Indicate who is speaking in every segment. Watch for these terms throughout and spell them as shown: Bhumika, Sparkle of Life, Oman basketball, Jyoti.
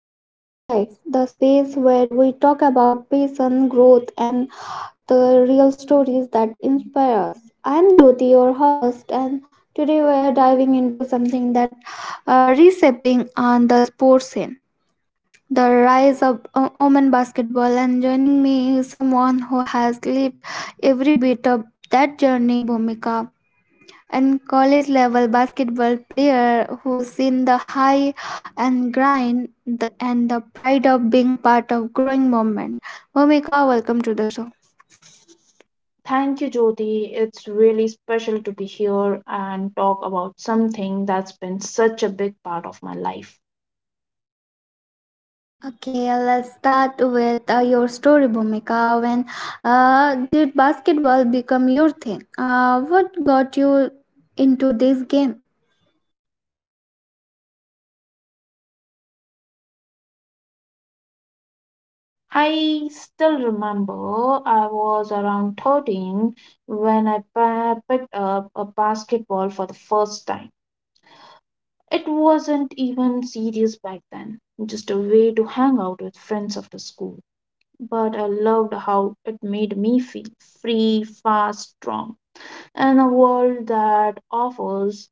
Speaker 1: Sparkle of Life, the space where we talk about passion, growth, and the real stories that inspire us. I'm Jyoti, your host, and today we are diving into something that reshaping on the sports scene. The rise of Oman basketball, and joining me is someone who has lived every bit of that journey, Bhumika and college level basketball player who's seen the high and grind and the pride of being part of growing moment. Bhumika, welcome to the show.
Speaker 2: Thank you, Jyoti. It's really special to be here and talk about something that's been such a big part of my life.
Speaker 1: Okay, let's start with your story, Bhumika. When did basketball become your thing? What got you into this game?
Speaker 2: I still remember I was around 13 when I picked up a basketball for the first time. It wasn't even serious back then, just a way to hang out with friends after school. But I loved how it made me feel free, fast, strong in a world that offers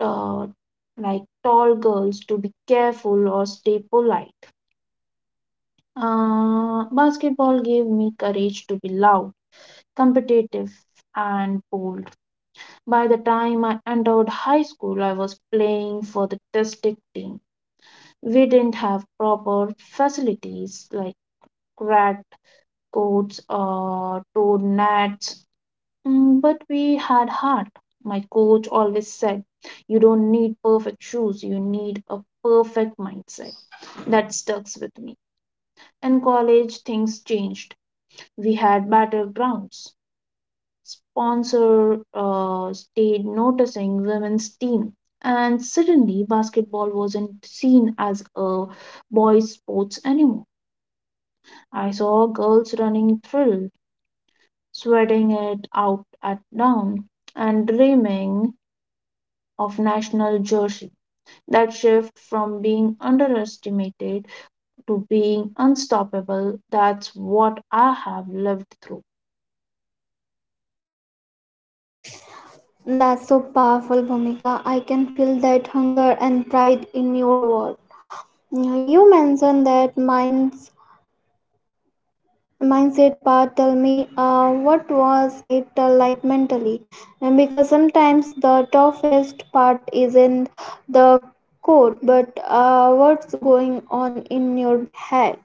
Speaker 2: uh, like tall girls to be careful or stay polite. Basketball gave me courage to be loud, competitive, and bold. By the time I entered high school, I was playing for the district team. We didn't have proper facilities like cracked courts or torn nets, but we had heart. My coach always said, "You don't need perfect shoes, you need a perfect mindset." That stucks with me. In college, things changed. We had battlegrounds. Sponsor stayed noticing women's team, and suddenly basketball wasn't seen as a boys' sports anymore. I saw girls running thrill, sweating it out at dawn, and dreaming of national jersey. That shift from being underestimated to being unstoppable. That's what I have lived through.
Speaker 1: That's so powerful, Bhumika. I can feel that hunger and pride in your words. You mentioned that mindset part, tell me what was it like mentally, and because sometimes the toughest part isn't the code but what's going on in your head?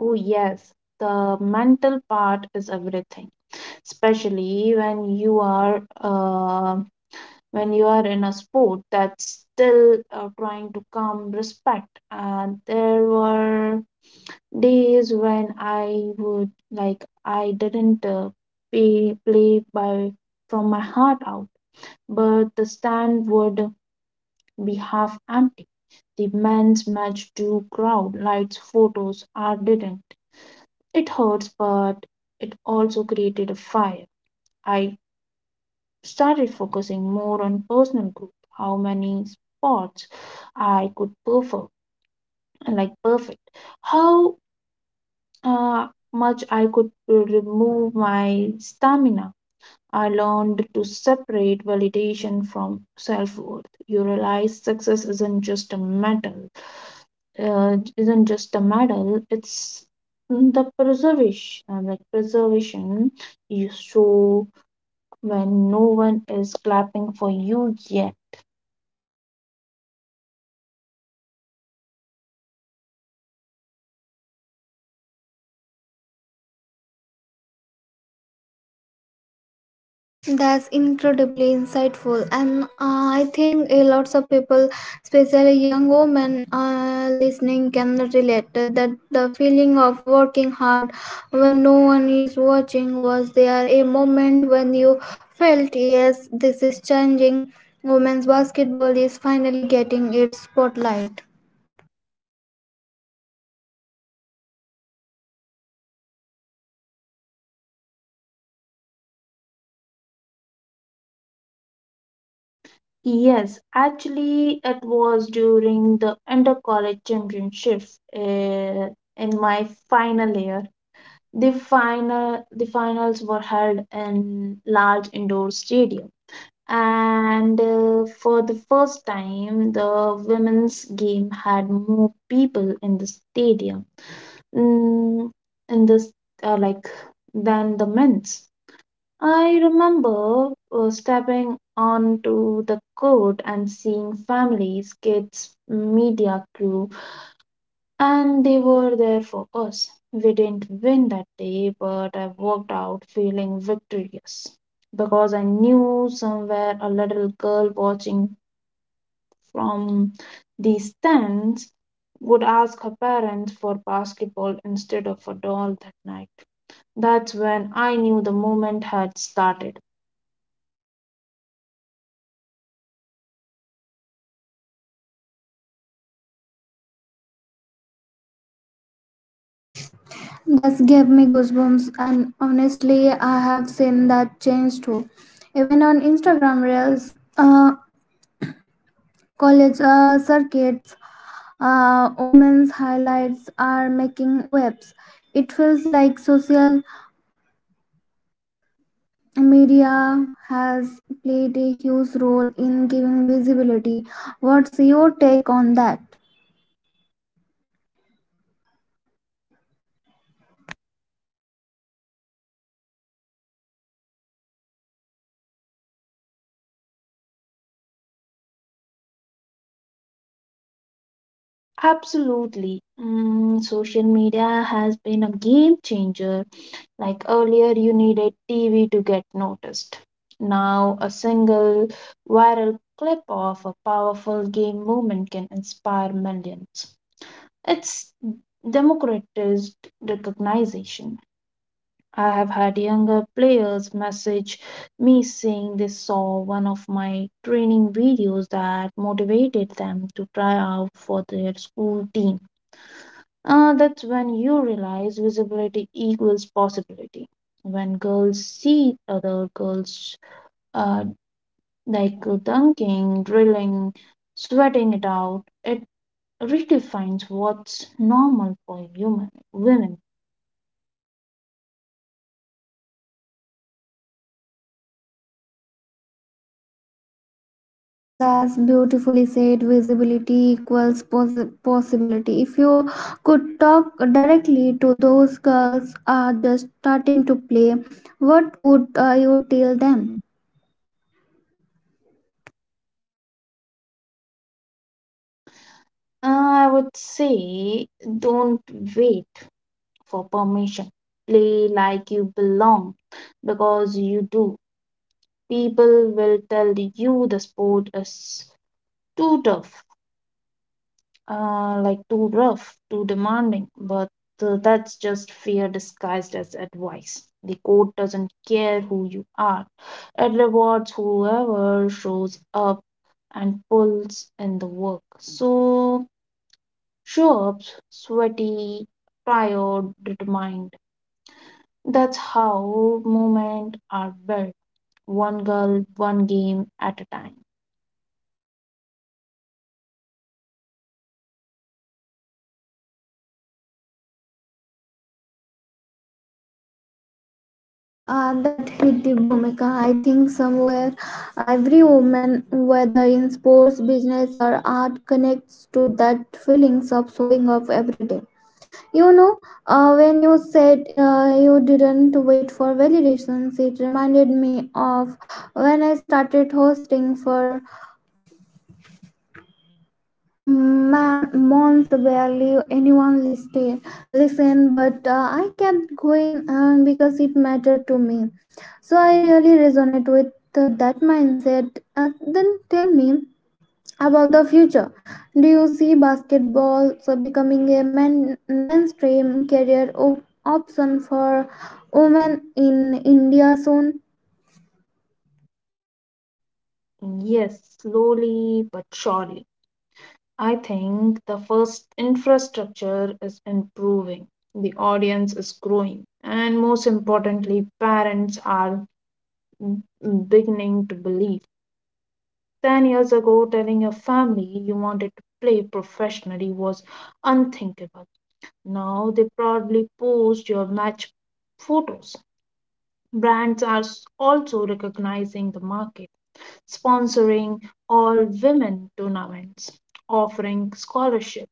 Speaker 2: Oh, yes, the mental part is everything, especially when you are in a sport that's still trying to come respect. And there were days when I would like I didn't play by from my heart out, but the stand would be half empty. The men's match do crowd lights photos are didn't. It hurts, but it also created a fire. I started focusing more on personal growth, how many spots I could perfect, like perfect, how uh, much I could remove my stamina. I learned to separate validation from self worth. You realize success isn't just a medal, It's the preservation, preservation you show when no one is clapping for you yet.
Speaker 1: That's incredibly insightful, and I think a lots of people, especially young women listening, can relate that the feeling of working hard when no one is watching. Was there a moment when you felt, yes, this is changing? Women's basketball is finally getting its spotlight.
Speaker 2: Yes, actually, it was during the inter college championship uh, in my final year. The finals were held in large indoor stadium, and for the first time, the women's game had more people in the stadium, Mm, in this like than the men's. I remember stepping onto the court and seeing families, kids, media crew, and they were there for us. We didn't win that day, but I walked out feeling victorious because I knew somewhere a little girl watching from the stands would ask her parents for basketball instead of a doll that night. That's when I knew the moment had started.
Speaker 1: That gave me goosebumps, and honestly, I have seen that change too. Even on Instagram Reels, college circuits, women's highlights are making waves. It feels like social media has played a huge role in giving visibility. What's your take on that?
Speaker 2: Absolutely. Mm, social media has been a game changer. Like earlier, you needed TV to get noticed. Now, a single viral clip of a powerful game movement can inspire millions. It's democratized recognition. I have had younger players message me saying they saw one of my training videos that motivated them to try out for their school team. That's when you realize visibility equals possibility. When girls see other girls uh, like dunking, drilling, sweating it out, it redefines what's normal for human women.
Speaker 1: Mm, that's beautifully said. Visibility equals possibility. If you could talk directly to those girls just starting to play, what would you tell them?
Speaker 2: I would say don't wait for permission. Play like you belong because you do. People will tell you the sport is too tough, too rough, too demanding, but that's just fear disguised as advice. The court doesn't care who you are, it rewards whoever shows up and pulls in the work. So, show up sweaty, tired, determined. That's how movement are built, one girl, one game at a time.
Speaker 1: That hit the Bhumika. I think somewhere every woman, whether in sports, business, or art, connects to that feelings of showing up every day. You know, when you said you didn't wait for validations, it reminded me of when I started hosting for man, months barely anyone listened but I kept going because it mattered to me. So I really resonate with that mindset. Then tell me about the future. Do you see basketball so becoming a mainstream career option for women in India soon?
Speaker 2: Yes, slowly but surely. I think the first infrastructure is improving, the audience is growing, and most importantly, parents are m- beginning to believe. 10 years ago, telling your family you wanted to play professionally was unthinkable. Now they proudly post your match photos. Brands are also recognizing the market, sponsoring all women tournaments, offering scholarships,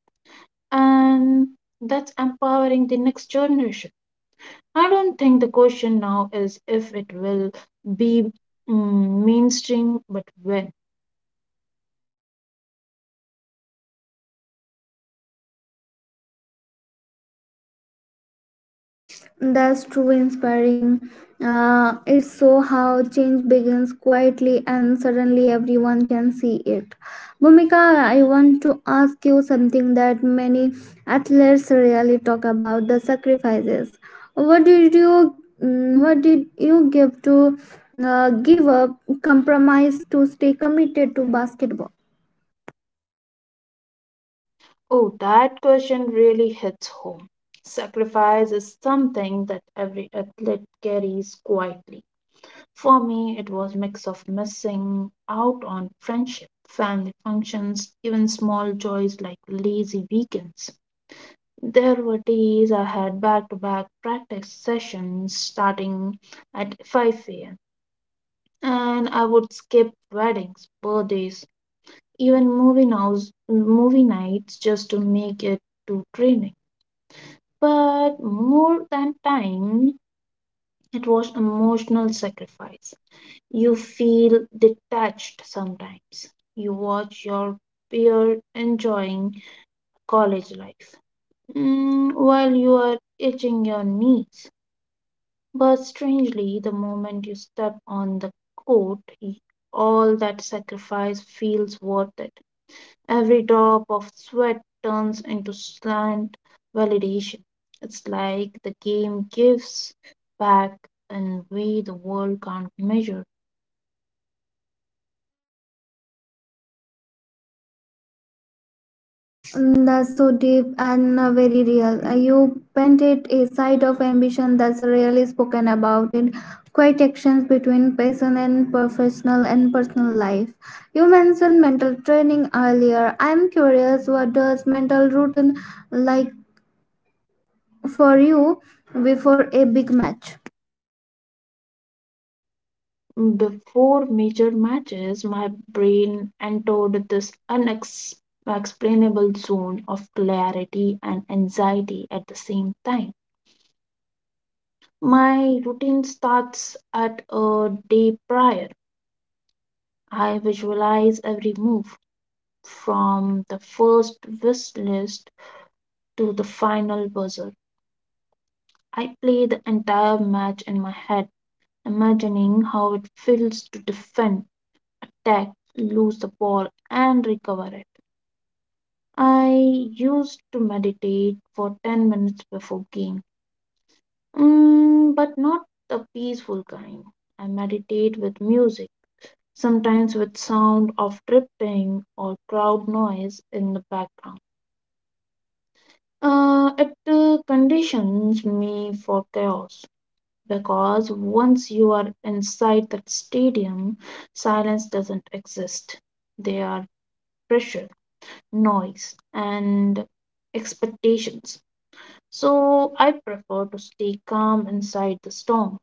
Speaker 2: and that's empowering the next generation. I don't think the question now is if it will be mainstream, but when.
Speaker 1: That's true, inspiring. It's so how change begins quietly and suddenly everyone can see it. Bhumika, I want to ask you something that many athletes really talk about, the sacrifices. What did you what did you give up, compromise to stay committed to basketball?
Speaker 2: Oh, that question really hits home. Sacrifice is something that every athlete carries quietly. For me, it was mix of missing out on friendship, family functions, even small joys like lazy weekends. There were days I had back to back practice sessions starting at 5 a.m., and I would skip weddings, birthdays, even movie nights just to make it to training. But more than time, it was emotional sacrifice. You feel detached sometimes. You watch your peer enjoying college life, mm, while you are itching your knees. But strangely, the moment you step on the court, all that sacrifice feels worth it. Every drop of sweat turns into slant validation. It's like the game gives back in way the world can't measure.
Speaker 1: Mm, that's so deep and very real. You painted a side of ambition that's rarely spoken about it. Quiet actions between passion and professional and personal life. You mentioned mental training earlier. I'm curious, what does mental routine like for you before a big match?
Speaker 2: Before major matches, my brain entered this unexplainable zone of clarity and anxiety at the same time. My routine starts at a day prior. I visualize every move from the first wish list to the final buzzer. I play the entire match in my head, imagining how it feels to defend, attack, lose the ball, and recover it. I used to meditate for 10 minutes before game, mm, but not the peaceful kind. I meditate with music, sometimes with sound of drifting or crowd noise in the background. It conditions me for chaos because once you are inside that stadium, silence doesn't exist. There are pressure, noise, and expectations. So I prefer to stay calm inside the storm.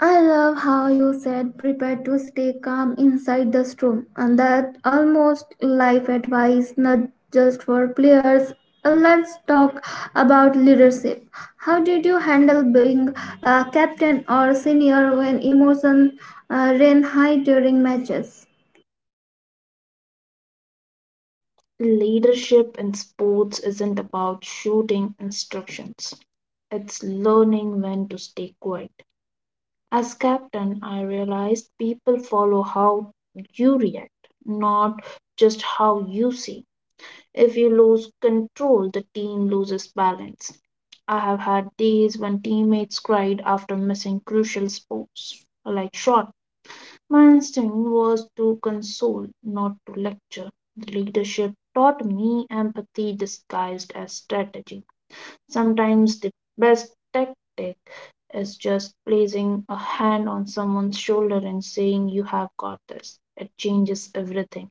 Speaker 1: I love how you said prepare to stay calm inside the storm, and that almost life advice, not just for players. Let's talk about leadership. How did you handle being a captain or senior when emotions ran high during matches?
Speaker 2: Leadership in sports isn't about shouting instructions, it's learning when to stay quiet. As captain, I realized people follow how you react, not just how you see. If you lose control, the team loses balance. I have had days when teammates cried after missing crucial sports, like shot, my instinct was to console, not to lecture. The leadership taught me empathy disguised as strategy. Sometimes the best tactic is just placing a hand on someone's shoulder and saying, "You have got this." It changes everything.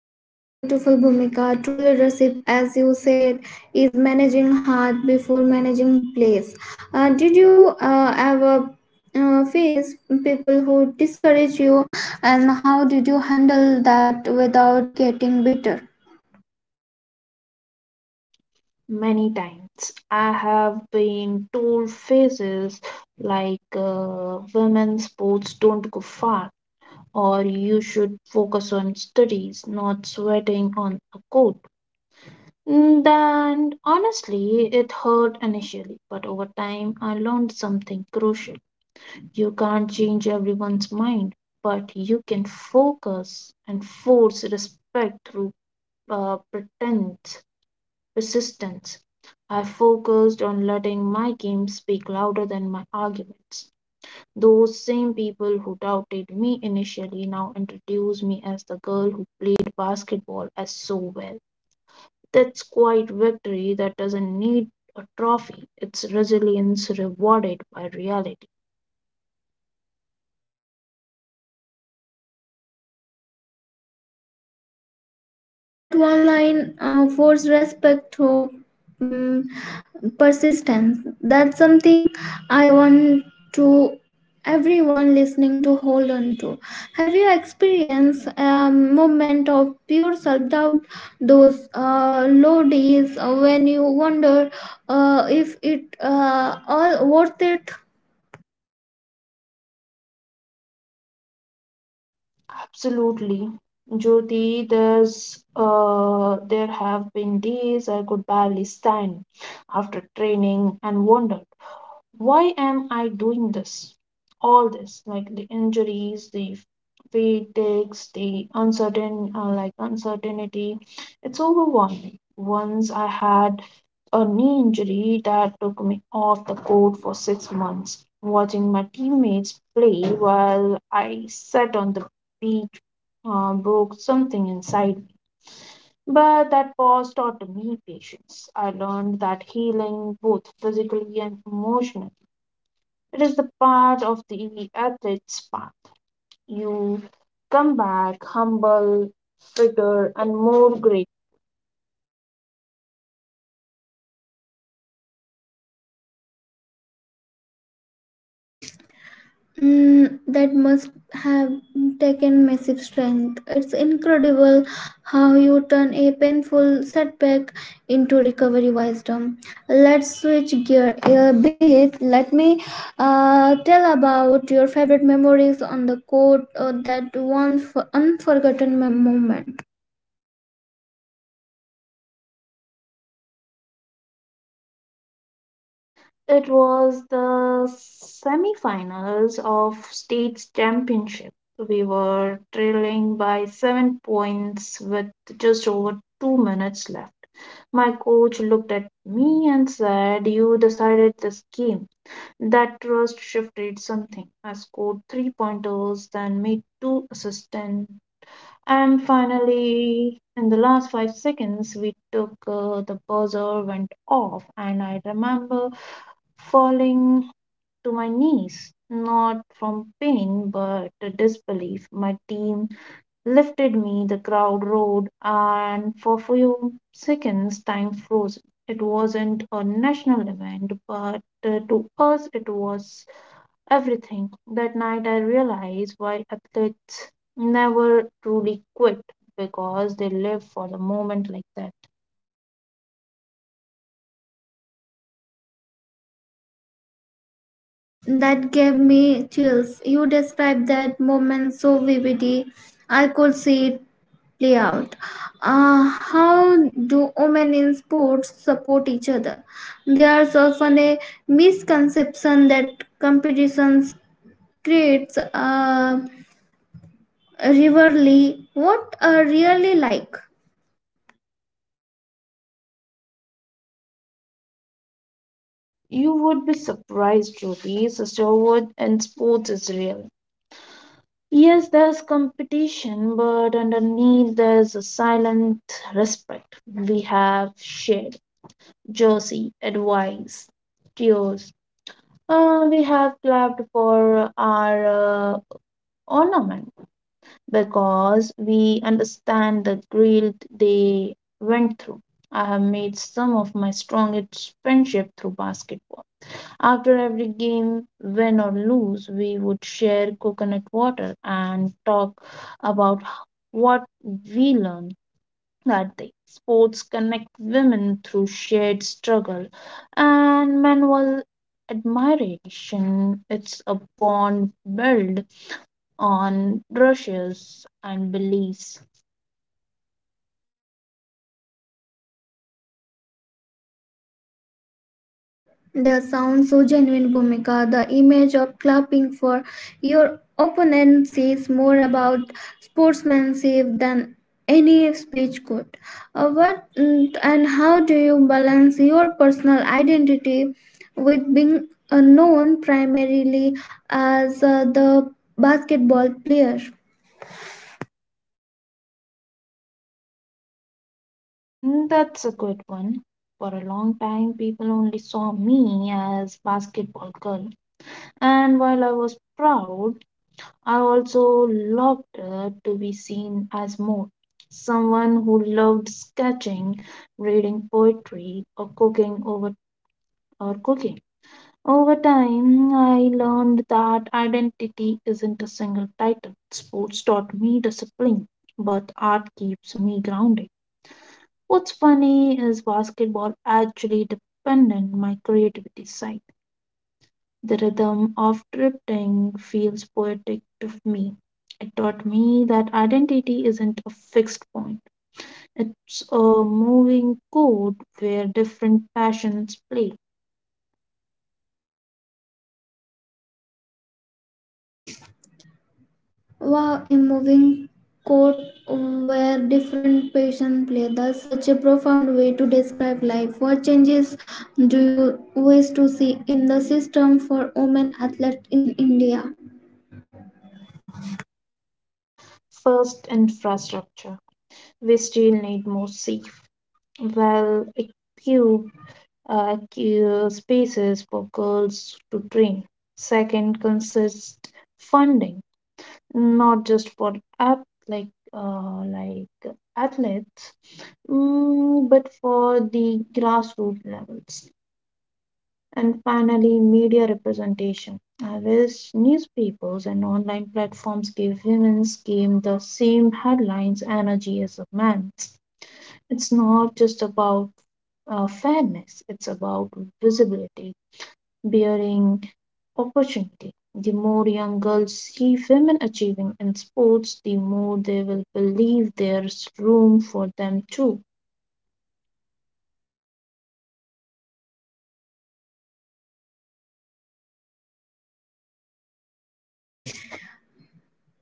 Speaker 1: That's beautiful, Bhumika. True leadership, as you said, is managing heart before managing place. Did you ever face people who discourage you, and how did you handle that without getting bitter?
Speaker 2: Many times I have been told phrases like, women's sports don't go far, or you should focus on studies, not sweating on a coach. Mm, then, honestly, it hurt initially, but over time, I learned something crucial. You can't change everyone's mind, but you can focus and force respect through uh, pretense, persistence. I focused on letting my game speak louder than my arguments. Those same people who doubted me initially now introduce me as the girl who played basketball as so well. That's quite victory that doesn't need a trophy. It's resilience rewarded by reality.
Speaker 1: That one line forced respect through um, persistence. That's something I want to everyone listening to hold on to. Have you experienced a moment of pure self doubt, those low days when you wonder if it all worth it?
Speaker 2: Absolutely. Jyoti, there have been days I could barely stand after training and wondered, why am I doing this? All this, like the injuries, the fatigues, the uncertain, like uncertainty, it's overwhelming. Once I had a knee injury that took me off the court for 6 months. Watching my teammates play while I sat on the beach broke something inside me. But that pause taught me patience. I learned that healing, both physically and emotionally, it is the part of the athlete's path. You come back humble, fitter, and more great.
Speaker 1: Mm, that must have taken massive strength. It's incredible how you turn a painful setback into recovery wisdom. Let's switch gear a bit. Let me tell about your favorite memories on the court, or that one unforgotten moment.
Speaker 2: It was the semifinals of state championship. We were trailing by 7 points with just over 2 minutes left. My coach looked at me and said, "You decided this game." That trust shifted something. I scored three pointers, then made two assists. And finally, in the last 5 seconds, we took the buzzer went off, and I remember falling to my knees, not from pain but disbelief. My team lifted me, the crowd roared, and for few seconds time froze. It wasn't a national event, but to us it was everything. That night I realized why athletes never truly quit because they live for the moment like that.
Speaker 1: That gave me chills. You described that moment so vividly. I could see it play out. How do women in sports support each other? There's often a misconception that competitions creates a rivalry. What are really like?
Speaker 2: You would be surprised, Jyoti. Sisterhood in sports is real. Yes, there's competition, but underneath there's a silent respect. We have shared jersey, advice, tears. We have clapped for our ornament because we understand the grill they went through. I have made some of my strongest friendship through basketball. After every game, win or lose, we would share coconut water and talk about what we learned that day. Sports connect women through shared struggle and manual admiration. It's a bond built on brushes and beliefs.
Speaker 1: The sound so genuine, Bhumika. The image of clapping for your opponent says more about sportsmanship than any speech could. What and how do you balance your personal identity with being known primarily as the basketball player?
Speaker 2: Mm, that's a good one. For a long time, people only saw me as basketball girl, and while I was proud, I also loved to be seen as more, someone who loved sketching, reading poetry, or cooking. Over time, I learned that identity isn't a single title. Sports taught me discipline, but art keeps me grounded. What's funny is basketball actually depended my creativity side. The rhythm of drifting feels poetic to me. It taught me that identity isn't a fixed point, it's a moving code where different passions play.
Speaker 1: Wow, a moving court where different patients play. That's such a profound way to describe life. What changes do you wish to see in the system for women athletes in India?
Speaker 2: First, infrastructure. We still need more safe, well equipped spaces for girls to train. Second, consist funding, not just for app like uh, like athletes, mm, but for the grassroots levels. And finally, media representation. I wish newspapers and online platforms give women's game the same headlines energy as a man's. It's not just about fairness, it's about visibility, bearing opportunity. The more young girls see women achieving in sports, the more they will believe there's room for them too.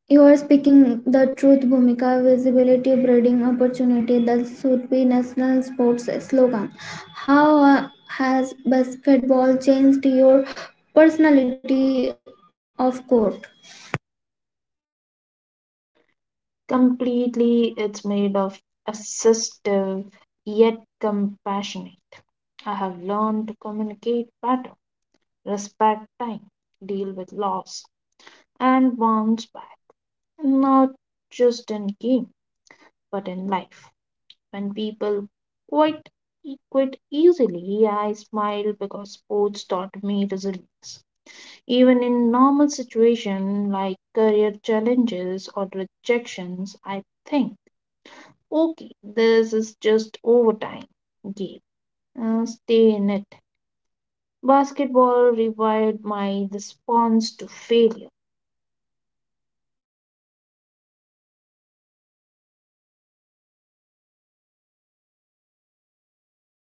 Speaker 1: You are speaking the truth, Bhumika. Visibility, breeding opportunity. That should be national sports slogan. How has basketball changed your personality of court?
Speaker 2: Completely, it's made of assistive yet compassionate. I have learned to communicate better, respect time, deal with loss, and bounce back, not just in game, but in life. When people quite quit easily, I smile because sports taught me resilience. Even in normal situations like career challenges or rejections, I think, okay, this is just overtime game. Stay in it. Basketball rewired my response to failure.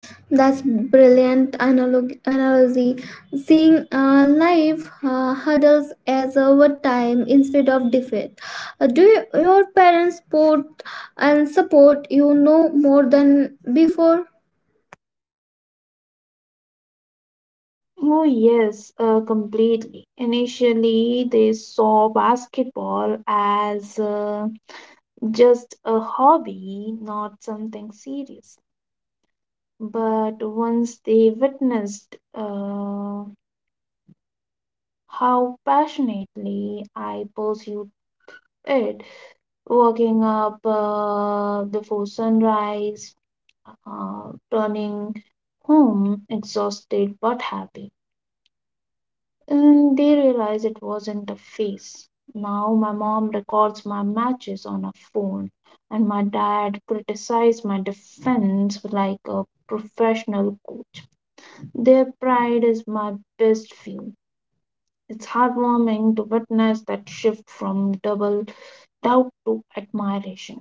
Speaker 1: That's brilliant analogy. Seeing life hurdles as overtime instead of defeat. Do you- your parents support and support you know more than before?
Speaker 2: Oh, yes, completely. Initially, they saw basketball as just a hobby, not something serious. But once they witnessed how passionately I pursued it, waking up before sunrise, turning home exhausted but happy. And they realize it wasn't a phase. Now my mom records my matches on her phone, and my dad criticized my defense like a professional coach. Their pride is my best fuel. It's heartwarming to witness that shift from double doubt to admiration.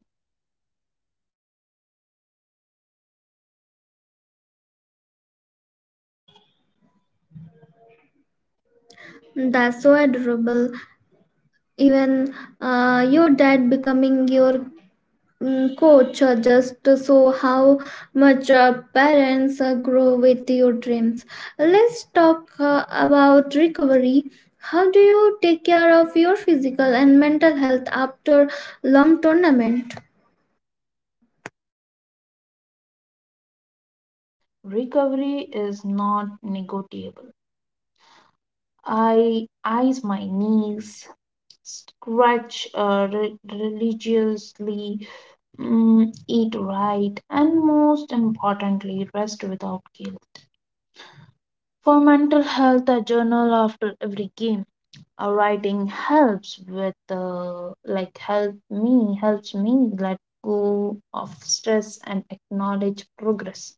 Speaker 1: That's so adorable. Even your dad becoming your coach just so how much parents grow with your dreams. Let's talk about recovery. How do you take care of your physical and mental health after long tournament?
Speaker 2: Recovery is not negotiable. I ice my knees, stretch religiously, mm, eat right, and most importantly, rest without guilt. For mental health, I journal after every game. Writing helps with, like, help me, helps me let go of stress and acknowledge progress.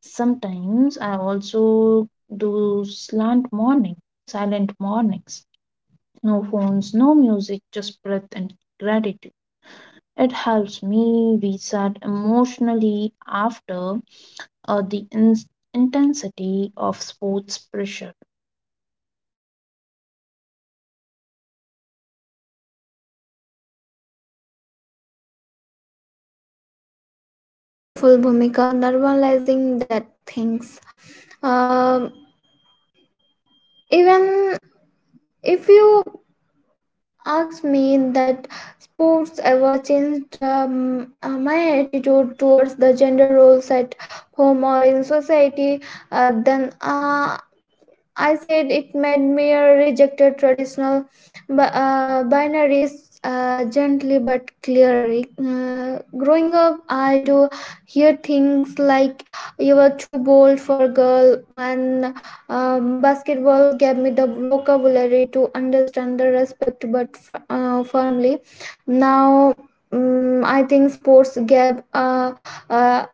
Speaker 2: Sometimes I also do slant morning, silent mornings. No phones, no music, just breath and gratitude. It helps me reset emotionally after the ins intensity of sports pressure.
Speaker 1: That's wonderful, Bhumika. Normalizing that things. Um, even if you ask me that sports ever changed my attitude towards the gender roles at home or in society, then I said it made me rejected traditional binaries gently but clearly. Growing up, I do hear things like you were too bold for a girl, and basketball gave me the vocabulary to understand the respect but firmly. Now, I think sports gave uh,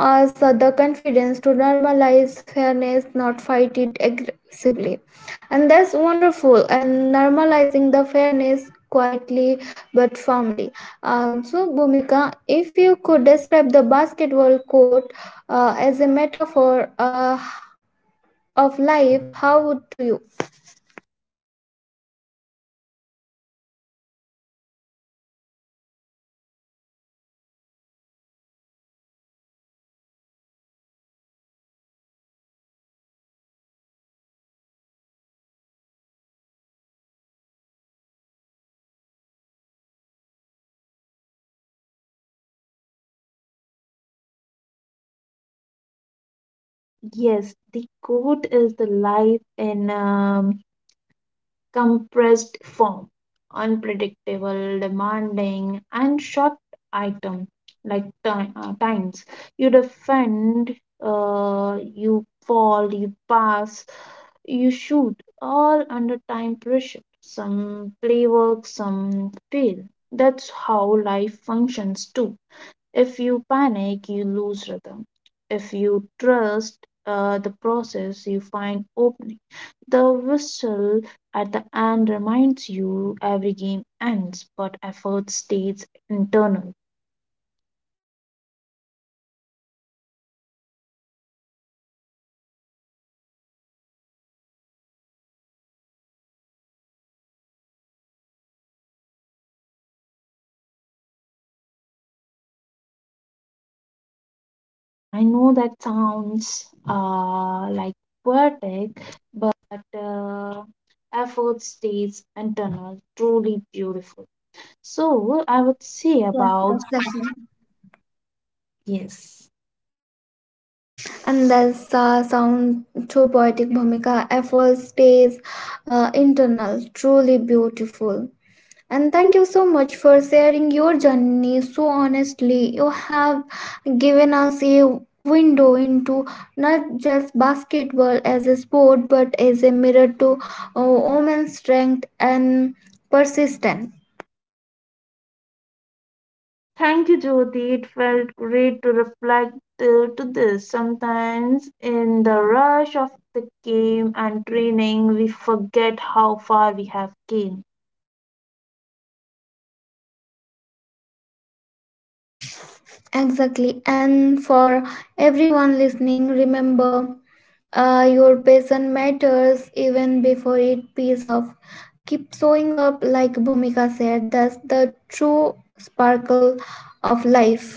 Speaker 1: as the confidence to normalize fairness, not fight it aggressively. And that's wonderful. And normalizing the fairness quietly but firmly. So, Bhumika, if you could describe the basketball court as a metaphor of life, how would you?
Speaker 2: Yes, the quote is the life in compressed form, unpredictable, demanding, and short item like time, times. You defend, you fall, you pass, you shoot, all under time pressure. Some play work, some fail. That's how life functions too. If you panic, you lose rhythm. If you trust the process, you find opening. The whistle at the end reminds you every game ends, but effort stays internal. I know that sounds poetic, but uh, effort stays internal, truly beautiful. So I would say
Speaker 1: Yes,
Speaker 2: about
Speaker 1: exactly.
Speaker 2: yes.
Speaker 1: And that's sound to poetic Bhumika, effort stays internal, truly beautiful. And thank you so much for sharing your journey so honestly. You have given us a window into not just basketball as a sport but as a mirror to uh, women's strength and persistence.
Speaker 2: Thank you, Jyoti. It felt great to reflect to this. Sometimes, in the rush of the game and training, we forget how far we have came.
Speaker 1: Exactly. And for everyone listening, remember, your passion matters even before it pays off. Keep showing up, like Bhumika said, that's the true sparkle of life.